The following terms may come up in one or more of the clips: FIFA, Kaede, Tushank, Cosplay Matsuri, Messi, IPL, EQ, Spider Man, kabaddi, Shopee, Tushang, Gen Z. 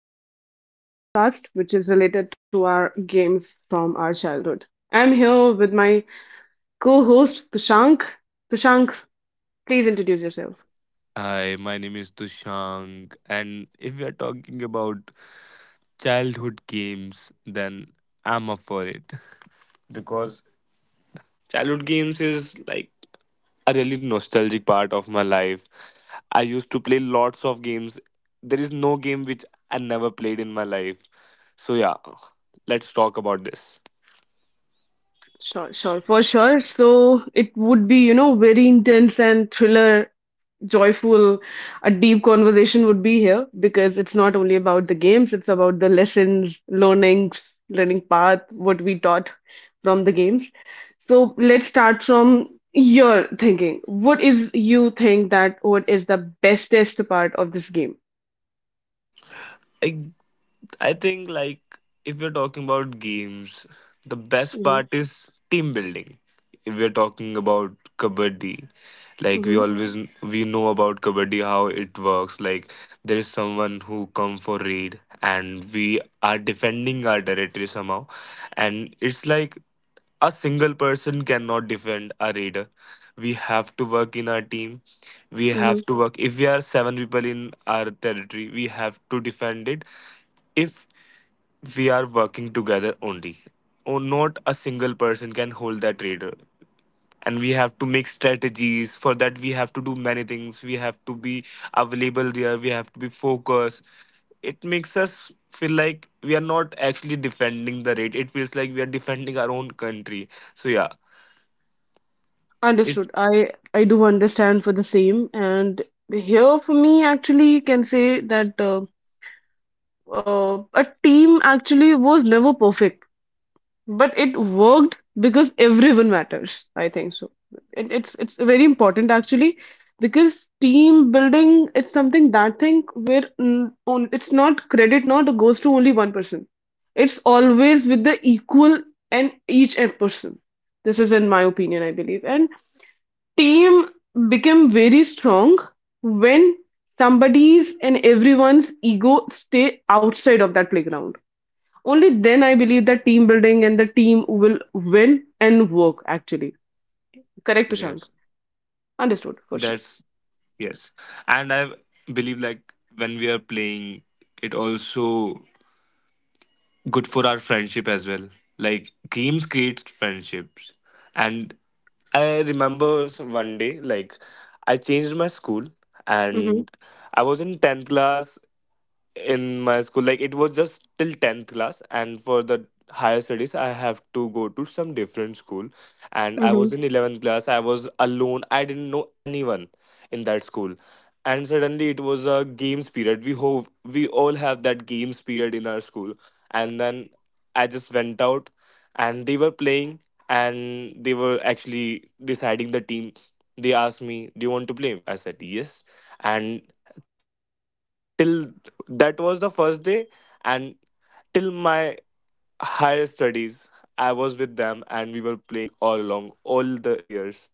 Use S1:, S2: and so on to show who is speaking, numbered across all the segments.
S1: Welcome to our podcast, which is related to our games from our childhood. I'm here with my co-host Tushank. Tushank, please introduce yourself.
S2: Hi, my name is Tushang, and if we are talking about childhood games, then I'm up for it. Because childhood games is like a really nostalgic part of my life. I used to play lots of games. There is no game which I never played in my life. So, yeah, let's talk about this.
S1: Sure, sure, for sure. So it would be, very intense and thriller joyful, a deep conversation would be here because it's not only about the games, it's about the lessons, learnings, learning path, what we taught from the games. So let's start from your thinking. What is you think that what is the bestest part of this game?
S2: I think if you're talking about games, the best
S1: Mm-hmm,
S2: part is team building. If we're talking about kabaddi, like we
S1: mm-hmm,
S2: always we know about kabaddi how it works. Like there is someone who come for raid and we are defending our territory somehow, and it's like a single person cannot defend a raider. We have to work in our team. We
S1: mm-hmm.
S2: have to work. If we are seven people in our territory, we have to defend it if we are working together only or not a single person can hold that radar, and we have to make strategies for that. We have to do many things. We have to be available there. We have to be focused. It makes us feel like we are not actually defending the rate. It feels like we are defending our own country. So yeah. it
S1: Understood. I do understand for the same, and here for me actually can say that a team actually was never perfect. But it worked because everyone matters. I think so. It's very important actually because team building it's something that thing where on it's not credit not goes to only one person. It's always with the equal and each and person. This is in my opinion, I believe. And team became very strong when somebody's and everyone's ego stay outside of that playground. Only then I believe that team building and the team will win and work actually. Correct, Ushank?
S2: Yes, that's
S1: Understood for sure.
S2: yes. And I believe like when we are playing it also good for our friendship as well. Like games create friendships. And I remember one day, like I changed my school and I was in 10th class in my school, like it was just till 10th class, and for the higher studies I have to go to some different school. And I was
S1: Mm-hmm.
S2: in 11th class. I was alone. I didn't know anyone in that school. And suddenly it was a games period. We hope we all have that games period in our school. And then I just went out and they were playing, and they were actually deciding the team. They asked me, do you want to play? I said yes. And till that was the first day, and till my higher studies, I was with them and we were playing all along, all the years.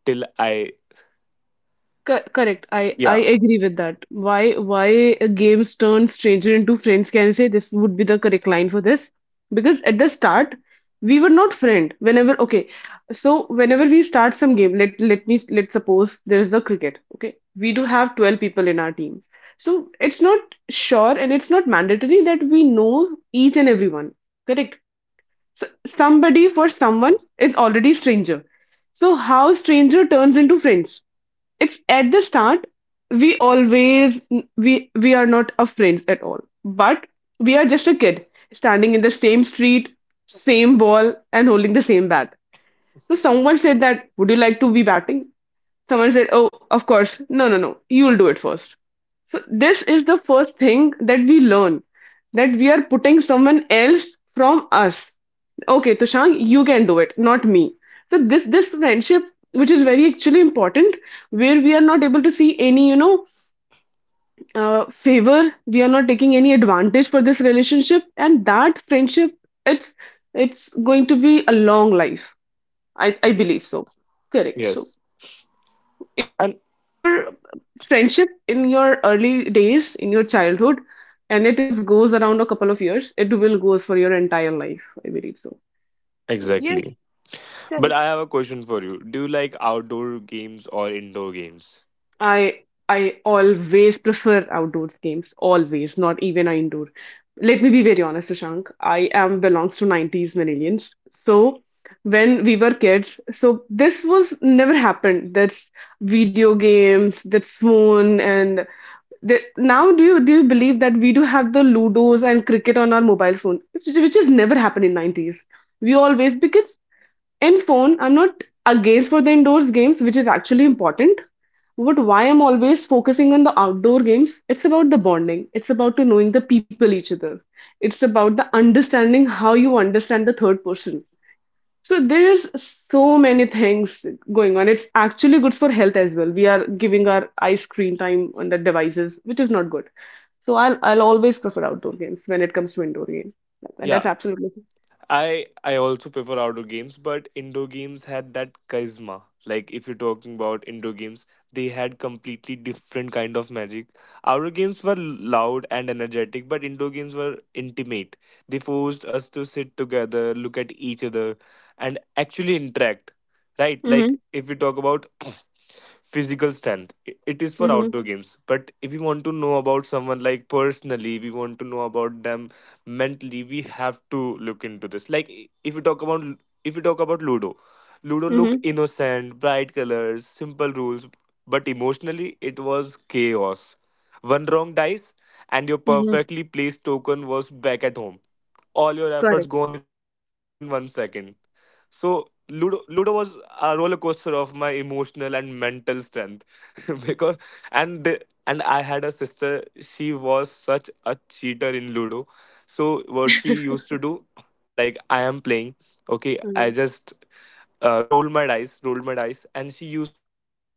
S2: Till I,
S1: Co Correct. I
S2: yeah.
S1: agree with that. Why a games turn stranger into friends? Can I say this would be the correct line for this? Because at the start we were not friend. Whenever okay, so whenever we start some game, let's suppose there is a cricket. Okay, we do have 12 people in our team. So it's not sure and it's not mandatory that we know each and everyone. Correct. So
S2: Yes,
S1: somebody for someone is already stranger. So how stranger turns into friends? It's at the start we always we we are not a friends at all, but we are just a kid standing in the same street, same ball and holding the same bat. So someone said that would you like to be batting? Someone said, "Oh, of course, no, no, no, you'll do it first." So this is the first thing that we learn, that we are putting someone else from us. Okay, Tushang, you can do it, not me. So this friendship, which is very actually important, where we are not able to see any favor, we are not taking any advantage for this relationship, and that friendship, it's it's going to be a long life. I
S2: yes,
S1: believe so. Correct. So
S2: yes.
S1: if you
S2: And
S1: made your friendship in your early days, in your childhood, and it is goes around a couple of years, it will goes for your entire life. I believe so. So yes,
S2: exactly. But I have a question for you. Do you like outdoor games or indoor games?
S1: I I always prefer outdoors games, always, not even a indoor. Let me be very honest, Shashank. I am belongs to 90s millennials. So when we were kids, so this was never happened. That's video games, that's phone, and the, now do you believe that we do have the Ludos and cricket on our mobile phone, which has never happened in 90s. We always because in phone, I'm not against for the indoors games, which is actually important, but why I'm always focusing on the outdoor games, it's about the bonding. It's about to knowing the people each other. It's about the understanding how you understand the third person. So there's so many things going on. It's actually good for health as well. We are giving our eye screen time on the devices, which is not good. So I'll always prefer outdoor games when it comes to indoor game. That's
S2: Yeah.
S1: absolutely.
S2: I also prefer outdoor games, but indoor games had that charisma. Like if you're talking about indoor games, they had completely different kind of magic. Outdoor games were loud and energetic, but indoor games were intimate. They forced us to sit together, look at each other, and actually interact. Right? Like
S1: Mm-hmm,
S2: if we talk about physical strength, it is for
S1: mm-hmm,
S2: outdoor games, but if you want to know about someone like personally, we want to know about them mentally, we have to look into this. Like if we talk about if we talk about ludo, ludo
S1: mm-hmm,
S2: looked innocent, bright colors, simple rules, but emotionally it was chaos. One wrong dice and your
S1: mm-hmm.
S2: perfectly placed token was back at home. All your efforts
S1: Correct.
S2: gone in one second. So Ludo was a roller coaster of my emotional and mental strength. because and the, and I had a sister. She was such a cheater in Ludo. So what she used to do, like I am playing, okay, I just roll my dice, and she used to just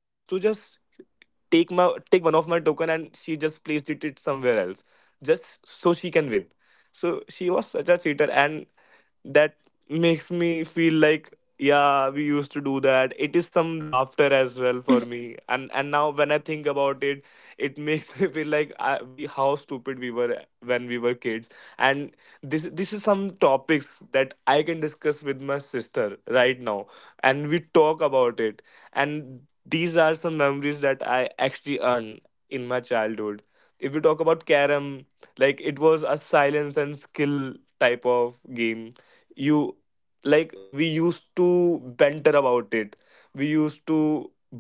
S2: take one of my token and she just placed it somewhere else just so she can win. So she was such a cheater, and that makes me feel like, yeah, we used to do that. It is some laughter as well for me. And now when I think about it, it makes me feel like we, how stupid we were when we were kids. And this is some topics that I can discuss with my sister right now, and we talk about it. And these are some memories that I actually earn in my childhood. If we talk about carom, like it was a silence and skill type of game. You Like we used to banter about it. We used to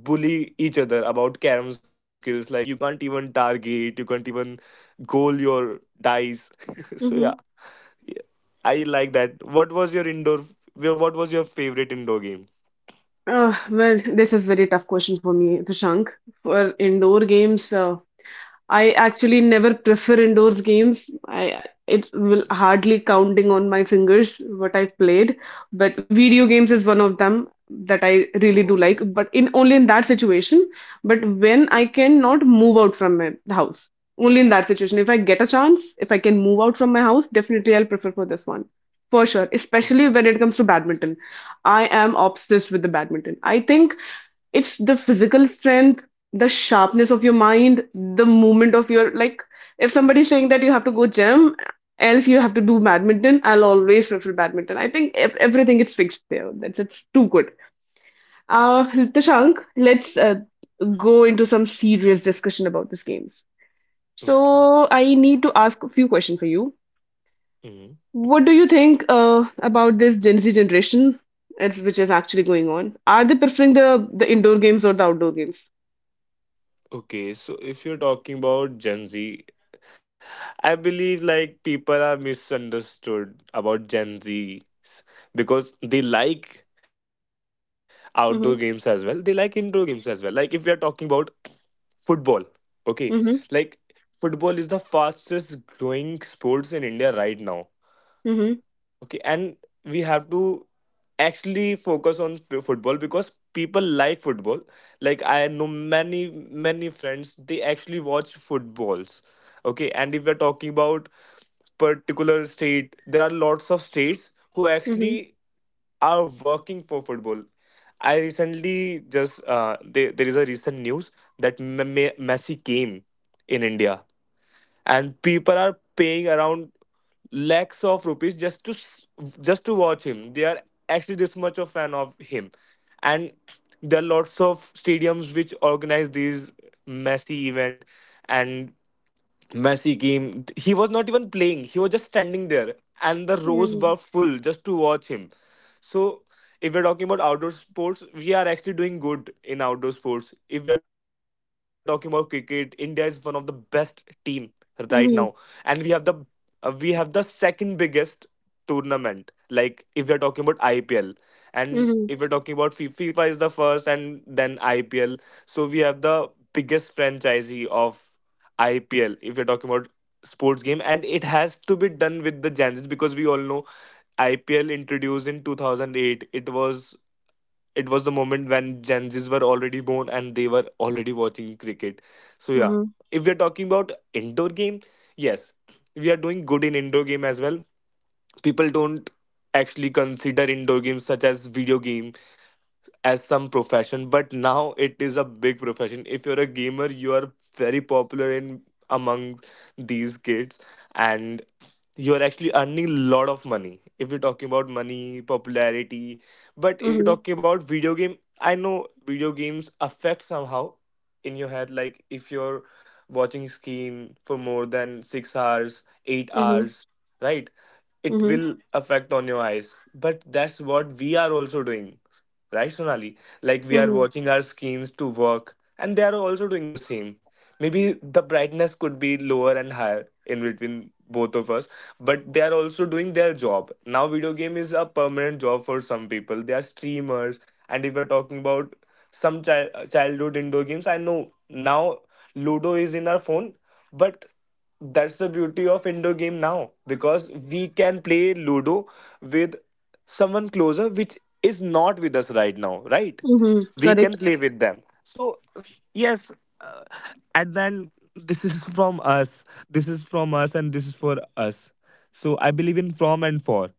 S2: bully each other about carom skills, like you can't even target, you can't even goal your dice. So yeah,
S1: Mm-hmm.
S2: yeah, I like that. What was your favorite indoor game?
S1: Well, this is very tough question for me, Prashank. For indoor games, I actually never prefer indoors games. I it
S2: Mm,
S1: will hardly counting on my fingers what I've played, but video games is one of them that I really do
S2: okay
S1: like. But in only in that situation, but when I cannot move out from my house, only in that situation. If I get a chance, if I can move out from my house, definitely I'll prefer for this one. For sure, especially
S2: okay
S1: when it comes to badminton. I am obsessed with the badminton. I think it's the physical strength, the sharpness of your mind, the movement of your, like if somebody's saying that you have to go gym, else you have to do badminton, I'll always prefer badminton. I think if everything is fixed there. That's it's too good. Tashank, let's go into some serious discussion about these games.
S2: okay.
S1: So I need to ask a few questions for you.
S2: Mhm.
S1: What do you think about this Gen Z generation, it's, which is actually going on? Are they preferring the indoor games or the outdoor games?
S2: Okay. So if you're talking about Gen Z, I believe like people are misunderstood about Gen Z because they like outdoor games as well. They
S1: Mm-hmm.
S2: like indoor games as well. Like if we are talking about football, okay,
S1: Mm-hmm.
S2: like football is the fastest growing sports in India right now. Okay, and we have to actually focus on football because people like football. Like I know many friends, they actually watch footballs. Okay, and if we're talking about particular state, there are lots of states who
S1: Mm-hmm.
S2: actually are working for football. I recently just there there is a recent news that Messi came in India, and people are paying around lakhs of rupees just to just to watch him. They are actually this much of fan of him. And there are lots of stadiums which organize these messy event, and Messi came. He was not even playing. He was just standing there, and the rows were
S1: Mhm.
S2: full just to watch him. So, if we're talking about outdoor sports, we are actually doing good in outdoor sports. If we are talking about cricket, India is one of the best team right now,
S1: Mhm.
S2: and we have the second biggest tournament. Like if we are talking about IPL, and
S1: Mhm.
S2: if we're talking about FIFA is the first, and then IPL. So we have the biggest franchisee of IPL. If you're talking about sports game, and it has to be done with the Gen because we all know IPL introduced in 2008. It was it was the moment when Gen were already born and they were already watching cricket. So yeah,
S1: Mhm.
S2: if we're talking about indoor game, yes, we are doing good in indoor game as well. People don't actually consider indoor games such as video game as some profession, but now it is a big profession. If you're a gamer, you are very popular in among these kids, and you're actually earning a lot of money if you're talking about money popularity. But if you're
S1: Mhm.
S2: talking about video game, I know video games affect somehow in your head. Like if you're watching screen for more than 6 hours, 8
S1: Mhm.
S2: hours, right, it
S1: Mhm.
S2: will affect on your eyes. But that's what we are also doing. Right, Sonali? Like we are
S1: Mhm.
S2: watching our screens to work, and they are also doing the same. Maybe the brightness could be lower and higher in between both of us, but they are also doing their job. Now, video game is a permanent job for some people. They are streamers. And if we're talking about some childhood indoor games, I know now Ludo is in our phone, but that's the beauty of indoor game now because we can play ludo with someone closer which is not with us right now, right?
S1: Mhm.
S2: We can
S1: Correct.
S2: play with them. So yes, uh, at then this is from us, and this is for us. So I believe in from and for.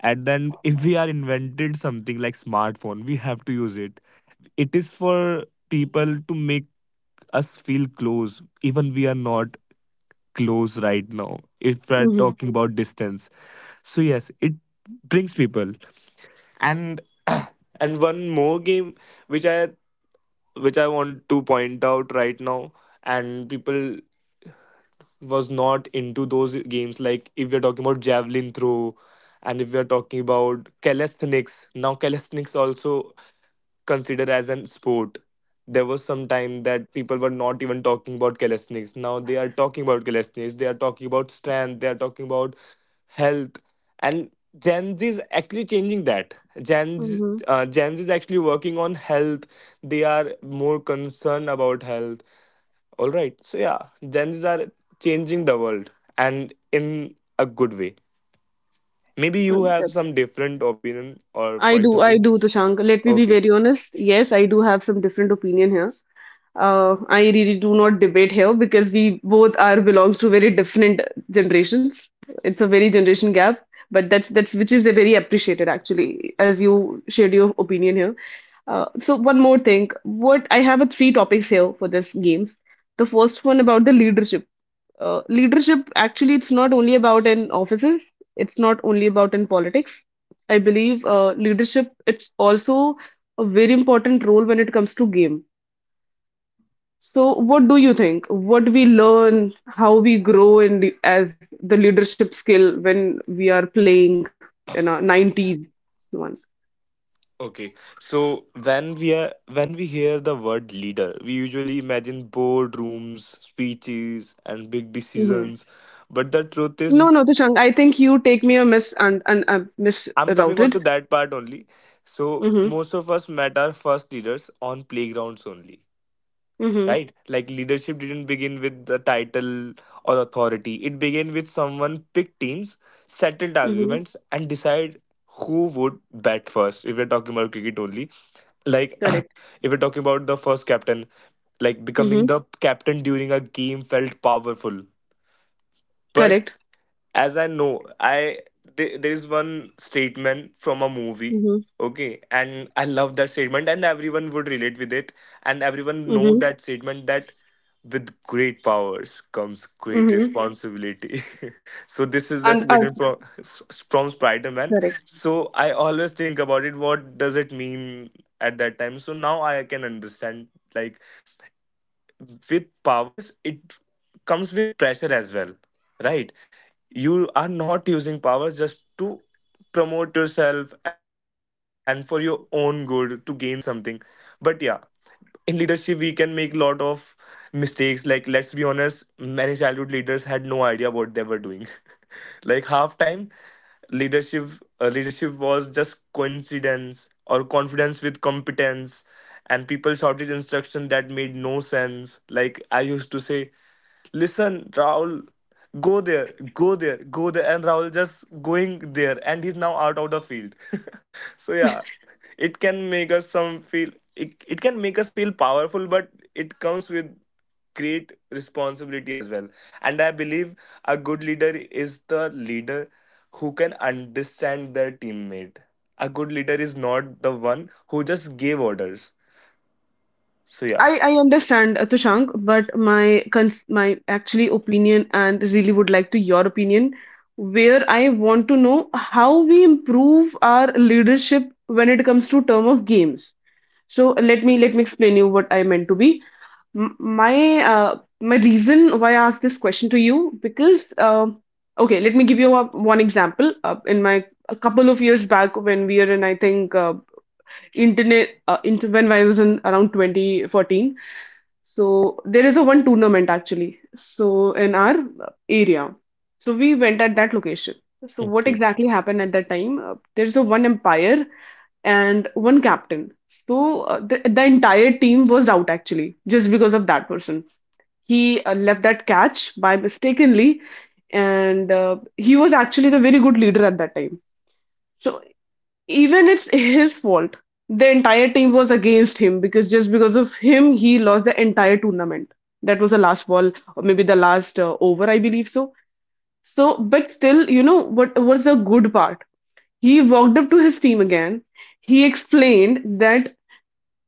S2: And then if we are invented something like smartphone, we have to use it. It is for people to make us feel close even we are not close right now if we're
S1: Mhm.
S2: talking Mhm. about distance. So yes, it brings people. And and one more game which i which i want to point out right now. And people was not into those games. Like if we're talking about javelin throw, and if we're talking about calisthenics, now calisthenics also considered as an sport. There was some time that people were not even talking about calisthenics. Now they are talking about calisthenics. They are talking about strength. They are talking about health. And Gen Z is actually changing that. Gen Z,
S1: Mhm.
S2: Gen Z is actually working on health. They are more concerned about health, all right. So yeah, Gen Zs are changing the world and in a good way. Maybe you have
S1: That's
S2: some different opinion or point of
S1: I
S2: view.
S1: do, Tushank. Let me be
S2: Okay.
S1: very honest. Yes, I do have some different opinion here. I really do not debate here because we both are belongs to very different generations. It's a very generation gap, but that's which is a very appreciated actually, as you shared your opinion here. So one more thing, what I have a three topics here for this games. The first one about the leadership. Leadership actually it's not only about in offices, it's not only about in politics. I believe leadership it's also a very important role when it comes to game. So what do you think? What we learn, how we grow in the, as the leadership skill when we are playing in our 90s one.
S2: Okay. So when we are when we hear the word leader, we usually imagine boardrooms, speeches, and big
S1: Hmm.
S2: decisions. But the truth is,
S1: No, no, Tushang, I think you take me a miss and
S2: I'm coming on
S1: misrouted.
S2: to that part only. So
S1: Mm-hmm.
S2: most of us met our first leaders on playgrounds only,
S1: Mm-hmm.
S2: right? Like leadership didn't begin with the title or authority. It began with someone picked teams, settled
S1: Mm-hmm.
S2: arguments, and decide who would bat first. If we're talking about cricket only, like
S1: Correct.
S2: if we're talking about the first captain, like becoming
S1: Mm-hmm.
S2: the captain during a game felt powerful. But
S1: Correct.
S2: as I know, there is one statement from a movie,
S1: Mm-hmm.
S2: okay, and I love that statement, and everyone would relate with it, and everyone know
S1: Mm-hmm.
S2: that statement that with great powers comes great
S1: Mm-hmm.
S2: responsibility. So this is the
S1: And
S2: statement from Spider Man.
S1: correct.
S2: So I always think about it. What does it mean at that time? So now I can understand. Like with powers, it comes with pressure as well, right? You are not using power just to promote yourself and for your own good to gain something, but yeah, in leadership we can make lot of mistakes. Like let's be honest, many childhood leaders had no idea what they were doing. Like half time leadership, leadership was just coincidence or confidence with competence, and people shouted instruction that made no sense. Like I used to say, listen Raul, go there, go there, go there, and Raul just going there and he's now out of the field. So yeah, it can make us some feel, it can make us feel powerful, but it comes with great responsibility as well. And I believe a good leader is the leader who can understand their teammate. A good leader is not the one who just gave orders. So yeah,
S1: I understand, Tushank, but my actually opinion and really would like to your opinion, where I want to know how we improve our leadership when it comes to term of games. So let me explain you what I meant to be. My my reason why I asked this question to you because okay, let me give you a, one example. In my a couple of years back when we are in I think internet inter when I was in around 2014, so there is a one tournament actually. So in our area, so we went at that location. So what
S2: okay,
S1: exactly happened at that time? There's a one umpire and one captain. So the entire team was out actually just because of that person. He left that catch by mistakenly, and he was actually the very good leader at that time. So even it's his fault. The entire team was against him because just because of him, he lost the entire tournament. That was the last ball, or maybe the last over, I believe so. So, but still, you know what was the good part? He walked up to his team again. He explained that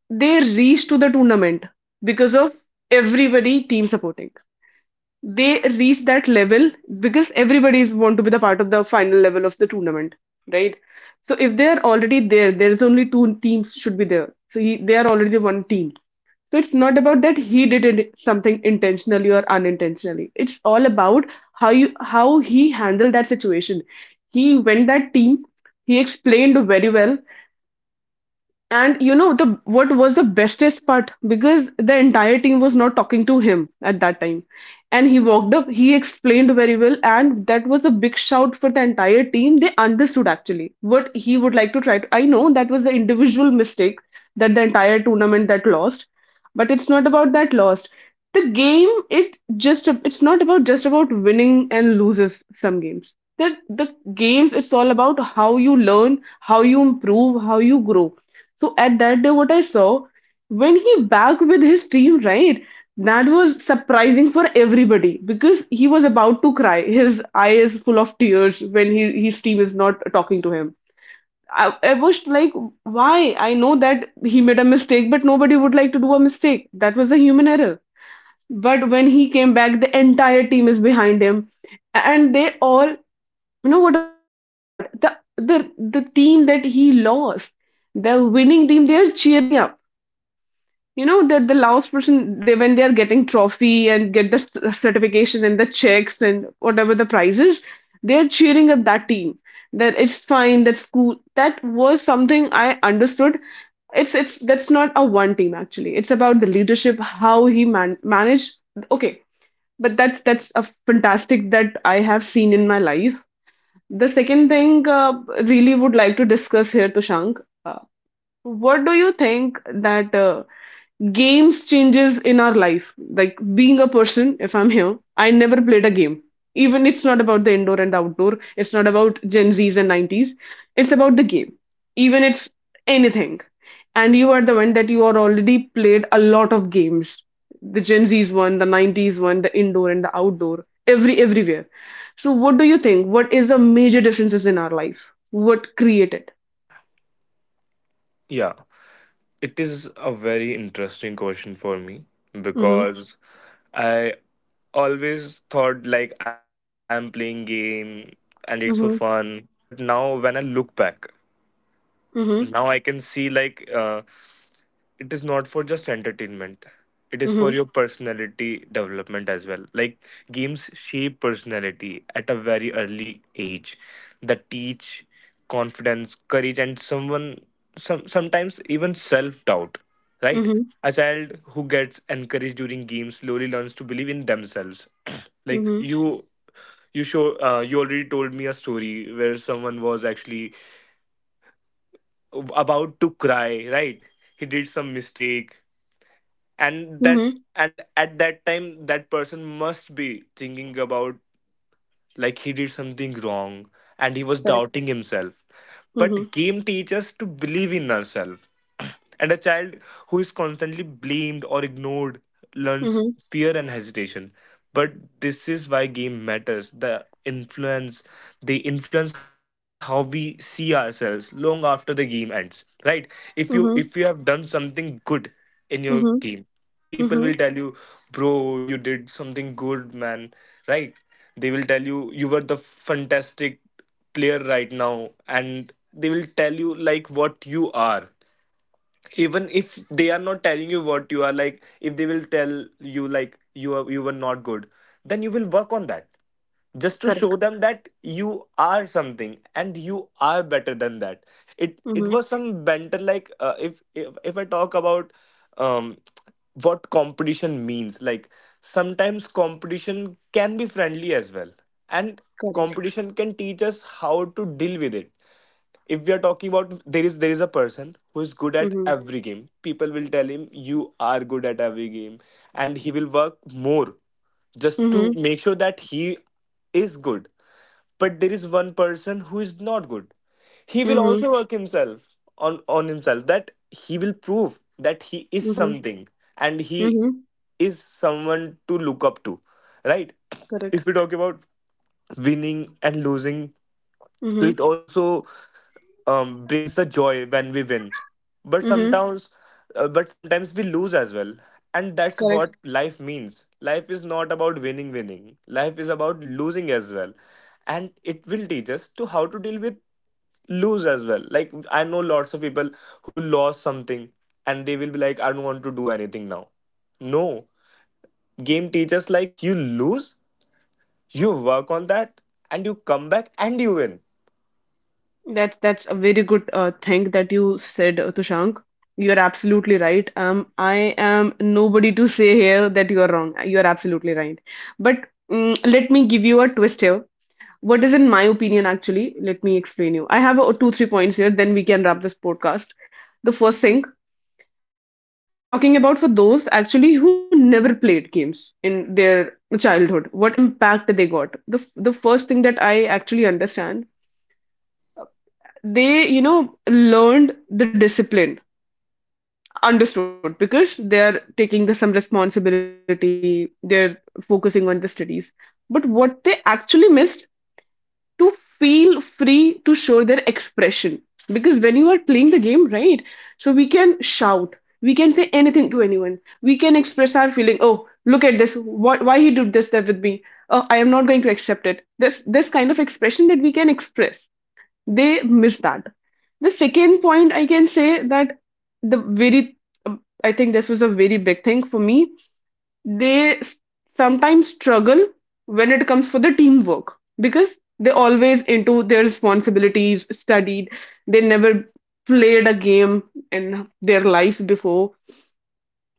S1: they reached to the tournament because of everybody team supporting, they reach that level because everybody is want to be the part of the final level of the tournament, right? So if they are already there, there is only two teams should be there, so he, they are already one team. So it's not about that he did it something intentionally or unintentionally, it's all about how you how he handled that situation. He went that team, he explained very well, and you know the what was the bestest part? Because the entire team was not talking to him at that time, and he walked up. He explained very well, and that was a big shout for the entire team. They understood actually what he would like to try to. I know that was the individual mistake that the entire tournament that lost, but it's not about that lost. The game it just it's not about just about winning and loses some games. That the games it's all about how you learn, how you improve, how you grow. So at that day, what I saw when he back with his team, right? That was surprising for everybody because he was about to cry. His eye is full of tears when he, his team is not talking to him. I was like, why? I know that he made a mistake, but nobody would like to do a mistake. That was a human error. But when he came back, the entire team is behind him, and they all, you know what was the surprising part? The team that he lost, the winning team, they are cheering up. You know the last person they when they are getting trophy and get the certification and the checks and whatever the prizes, they are cheering up that team. That it's fine. That's cool. That was something I understood. It's That's not a one team actually. It's about the leadership, how he managed. Okay, but that's a fantastic that I have seen in my life. The second thing, really would like to discuss here, Tushank. What do you think that games changes in our life, like being a person, if I'm here I never played a game. Even it's not about the indoor and outdoor, it's not about gen z's and 90s, it's about the game. Even it's anything. And you are the one that you are already played a lot of games, the gen z's one, the 90s one, the indoor and the outdoor, everywhere. So what do you think, what is the major differences in our life, what created.
S2: yeah, it is a very interesting question for me,
S1: Mm-hmm.
S2: because I always thought like I'm playing game and it is for
S1: Mm-hmm.
S2: fun. But now when I look back,
S1: Mm-hmm.
S2: now I can see like it is not for just entertainment, it is
S1: Mm-hmm.
S2: for your personality development as well. Like games shape personality at a very early age, that teach confidence, courage, and someone, sometimes even self doubt, right?
S1: Mm-hmm.
S2: A child who gets encouraged during games slowly learns to believe in themselves. Like
S1: Mm-hmm.
S2: you show you already told me a story where someone was actually about to cry, right? He did some mistake, and that's,
S1: Mm-hmm.
S2: and at that time that person must be thinking about, like he did something wrong and he was doubting himself. But
S1: Mhm.
S2: game teaches us to believe in ourselves. And a child who is constantly blamed or ignored learns
S1: Mhm.
S2: fear and hesitation. But this is why game matters. The influence, they influence how we see ourselves long after the game ends. Right? If you have
S1: Mhm.
S2: done something good in your game,
S1: Mhm.
S2: people will tell
S1: Mhm.
S2: you, bro, you did something good, man, right? They will tell you, you were the fantastic player right now, and they will tell you like what you are. Even if they are not telling you what you are, like if they will tell you like you are, you were not good, then you will work on that just to show
S1: Correct.
S2: them that you are something and you are better than that. It was
S1: Mhm.
S2: some banter. Like if I talk about um what competition means, like sometimes competition can be friendly as well, and
S1: Correct.
S2: competition can teach us how to deal with it. If we are talking about, there is a person who is good at
S1: Mhm.
S2: every game, people will tell him you are good at every game, and he will work more just to
S1: Mhm.
S2: make sure that he is good. But there is one person who is not good, he will
S1: Mhm.
S2: also work himself on himself, that he will prove that he is
S1: Mhm.
S2: something and he
S1: Mhm.
S2: is someone to look up to, right?
S1: Correct.
S2: If we talk about winning and losing, so
S1: Mhm.
S2: it also brings the joy when we win, but
S1: Mhm.
S2: sometimes but sometimes we lose as well. And that's
S1: Correct.
S2: what life means. Life is not about winning winning, life is about losing as well, and it will teach us to how to deal with lose as well. Like I know lots of people who lost something and they will be like, I don't want to do anything now. No, game teaches like you lose, you work on that, and you come back and you win.
S1: That's a very good thing that you said, Tushank. You're absolutely right. I am nobody to say here that you are wrong. You're absolutely right. But let me give you a twist here. What is, in my opinion, actually, let me explain you. I have, two, three points here, then we can wrap this podcast. The first thing, uh, I'm talking about for those actually who never played games in their childhood, what impact they got. The first thing that I actually understand, they, learned the discipline, understood, because they're taking some responsibility, they're focusing on the studies. But what they actually missed to feel free to show their expression. Because when you are playing the game, right, so we can shout, we can say anything to anyone, we can express our feeling. Oh, look at this. What, why he did this step with me? Oh, I am not going to accept it. This kind of expression that we can express, they miss that. The second point I can say that, the very, I think this was a very big thing for me. They sometimes struggle when it comes for the teamwork, because they always into their responsibilities studied. They never played a game in their lives before.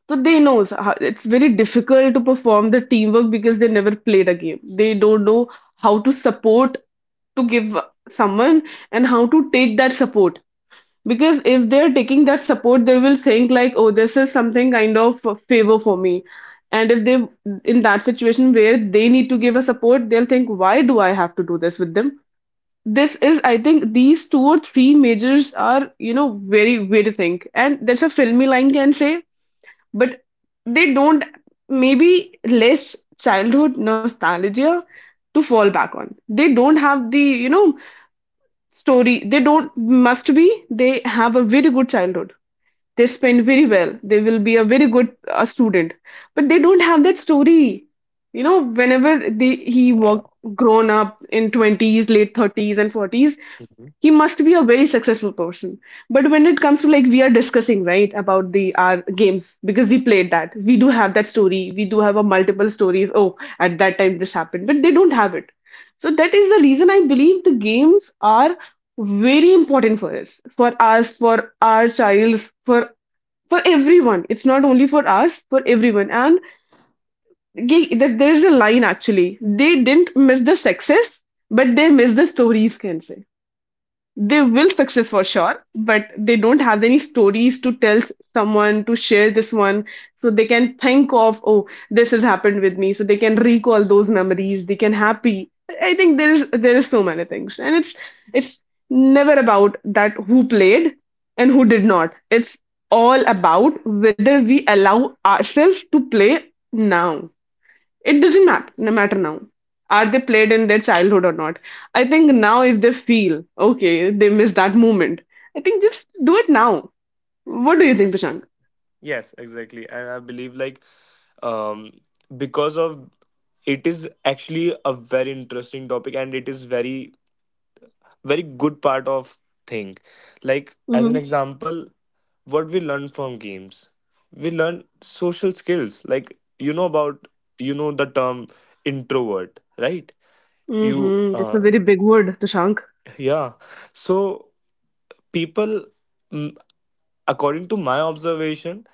S1: So they knows how, it's very difficult to perform the teamwork because they never played a game. They don't know how to support, to give someone, and how to take that support. Because if they're taking that support, they will think like, oh, this is something kind of a favor for me. And if they in that situation where they need to give a support, they'll think, why do I have to do this with them? This is, I think, these two or three majors are, very way to think. And that's a filmy line can say, but they don't maybe less childhood nostalgia to fall back on. They don't have the story. They don't must be, they have a very good childhood. They spend very well. They will be a very good student, but they don't have that story. You know, whenever they
S2: Yeah.
S1: he was grown up in 20s, late 30s and 40s, he must be a very successful person. But when it comes to, like we are discussing, right, about the our games, because we played that. We do have that story. We do have a multiple stories. Oh, at that time this happened, but they don't have it. So that is the reason I believe the games are very important for us, for our childs, for everyone. It's not only for us, for everyone. And there is a line actually, they didn't miss the success, but they missed the stories, can say. They will success for sure, but they don't have any stories to tell someone, to share this one. So they can think of, oh, this has happened with me. So they can recall those memories. They can happy. I think there is so many things. And it's never about that who played and who did not. It's all about whether we allow ourselves to play now. It doesn't no matter now, are they played in their childhood or not. I think now if they feel okay they miss that moment, I think just do it now. What do you think,
S2: Exactly.
S1: Tushank?
S2: Yes, exactly. And I believe like um because of, it is actually a very interesting topic and it is very very good part of thing. Like as an
S1: Mm-hmm.
S2: example, what we learn from games. We learn social skills. Like you know about, you know the term introvert, right? You
S1: Mm-hmm. That's a very big word, Tushank.
S2: Yeah. So people, mm, according to my observation,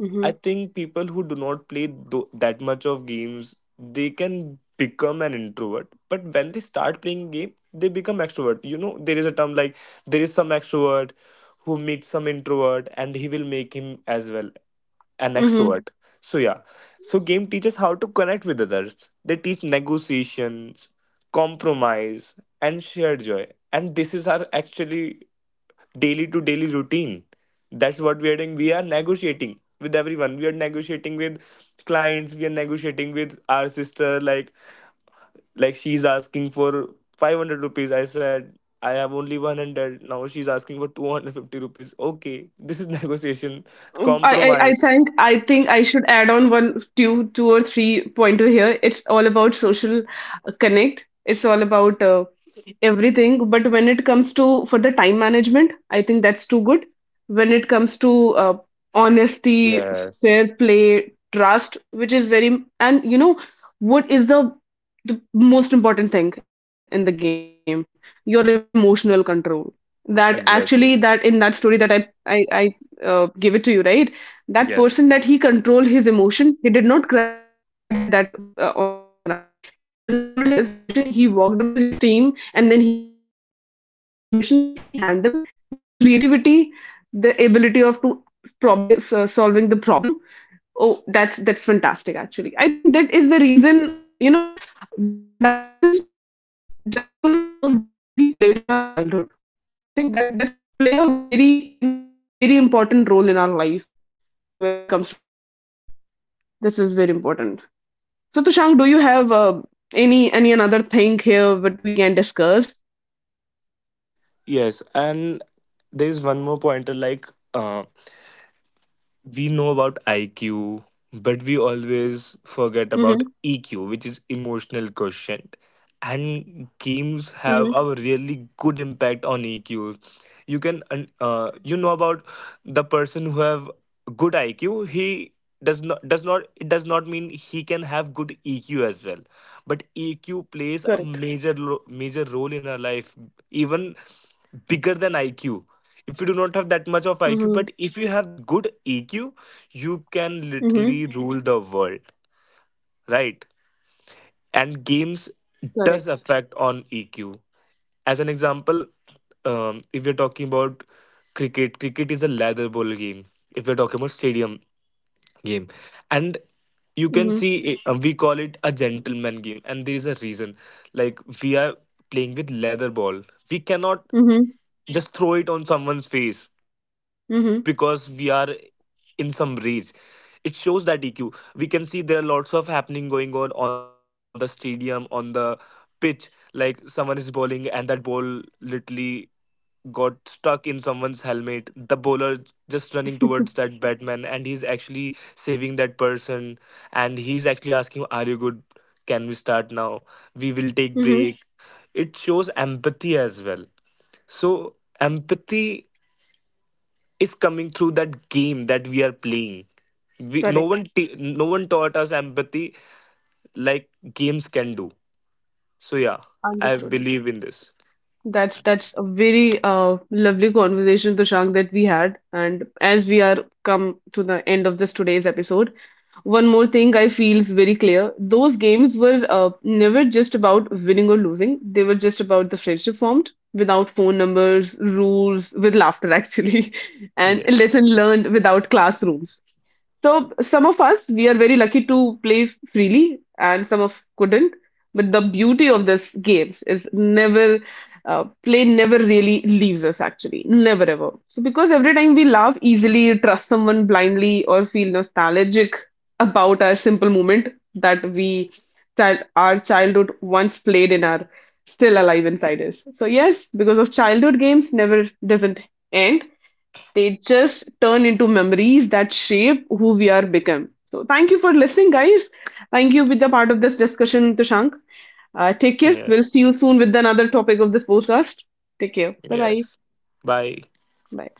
S1: Mm-hmm.
S2: I think people who do not play that much of games, they can become an introvert. But when they start playing game, they become extrovert. You know, there is a term like there is some extrovert who meets some introvert, and he will make him as well an
S1: Mm-hmm.
S2: extrovert. So yeah, so game teaches how to connect with others. They teach negotiations, compromise, and shared joy. And this is our actually daily to daily routine. That's what we are doing. We are negotiating with everyone. We are negotiating with clients. We are negotiating with our sister. Like she's asking for 500 rupees. I said I have only 100. Now she's asking for 250 rupees. Okay, this is negotiation,
S1: I
S2: compromise.
S1: think I should add on one two two or three pointer here. It's all about social connect. It's all about everything, but when it comes to for the time management, I think that's too good. When it comes to honesty,
S2: Yes,
S1: fair play, trust, which is very, and you know, what is the most important thing in the game? Your emotional control. That
S2: exactly.
S1: actually, that in that story that I give it to you, right? That
S2: Yes.
S1: person that he controlled his emotion, he did not cry that on a playground. He controlled his emotion. He walked up to his team and then he handled that situation. That situation, what he handled, the creativity, the ability of to probably solving the problem. Oh, that's fantastic. Actually, I think that is the reason of we are that much strong, just because of those games that we played in our childhood. I think that that's play a very very important role in our life when it comes to this. This is very important. So, Tushank, do you have any another thing here that we can discuss?
S2: Yes, and there's one more pointer like. um we know about IQ, but we
S1: Mm-hmm.
S2: always forget about EQ, which is emotional quotient. And
S1: Mm-hmm.
S2: games have a really good impact on EQs. You can, you know about the person who have good IQ. He does not, it does not mean he can have good EQ as well. But
S1: Correct.
S2: EQ plays a major role in our life. Even bigger than IQ. If you do not have
S1: Mm-hmm.
S2: that much of IQ, but if you have good EQ, you
S1: Mm-hmm.
S2: can literally rule the world, right? And games
S1: Correct.
S2: does affect on EQ. As an example, if you're talking about cricket, cricket is a leather ball game. If you're talking about stadium game, and
S1: Mm-hmm.
S2: you can see we call it a gentleman game, and there is a reason. Like we are playing with leather ball, we cannot
S1: Mm-hmm.
S2: just throw it on someone's face because we are
S1: Mm-hmm.
S2: in some rage. It shows that EQ. We can see there are lots of happening going on the stadium, on the pitch. Like someone is bowling and that ball literally got stuck in someone's helmet, the bowler just running towards that batman and he's actually saving that person, and he's actually asking, are you good, can we start now, we will take
S1: Mm-hmm.
S2: break. It shows empathy as well. So empathy is coming through that game that we are playing. We,
S1: Correct.
S2: no one taught us empathy like games can do. So yeah, I
S1: Understood.
S2: believe in this.
S1: That's a very lovely conversation, Tushank, that we had. And as we are come to the end of this today's episode, one more thing I feel is very clear. Those games were never just about winning or losing. They were just about the friendship formed without phone numbers, rules, with laughter actually, and lesson
S2: Yes.
S1: learned without classrooms. So some of us, we are very lucky to play freely, and some of couldn't. But the beauty of this games is never play never really leaves us actually, never ever. So because every time we laugh easily, trust someone blindly, or feel nostalgic about our simple moment that we child our childhood once played and are still alive inside us. So yes, because of childhood games never doesn't end. They just turn into memories that shape who we are become. So thank you for listening, guys. Thank you with the part of this discussion, Tushank. Take care.
S2: Yes.
S1: We'll see you soon with another topic of this podcast. Take care. Bye-bye.
S2: Yes. Bye.
S1: Bye.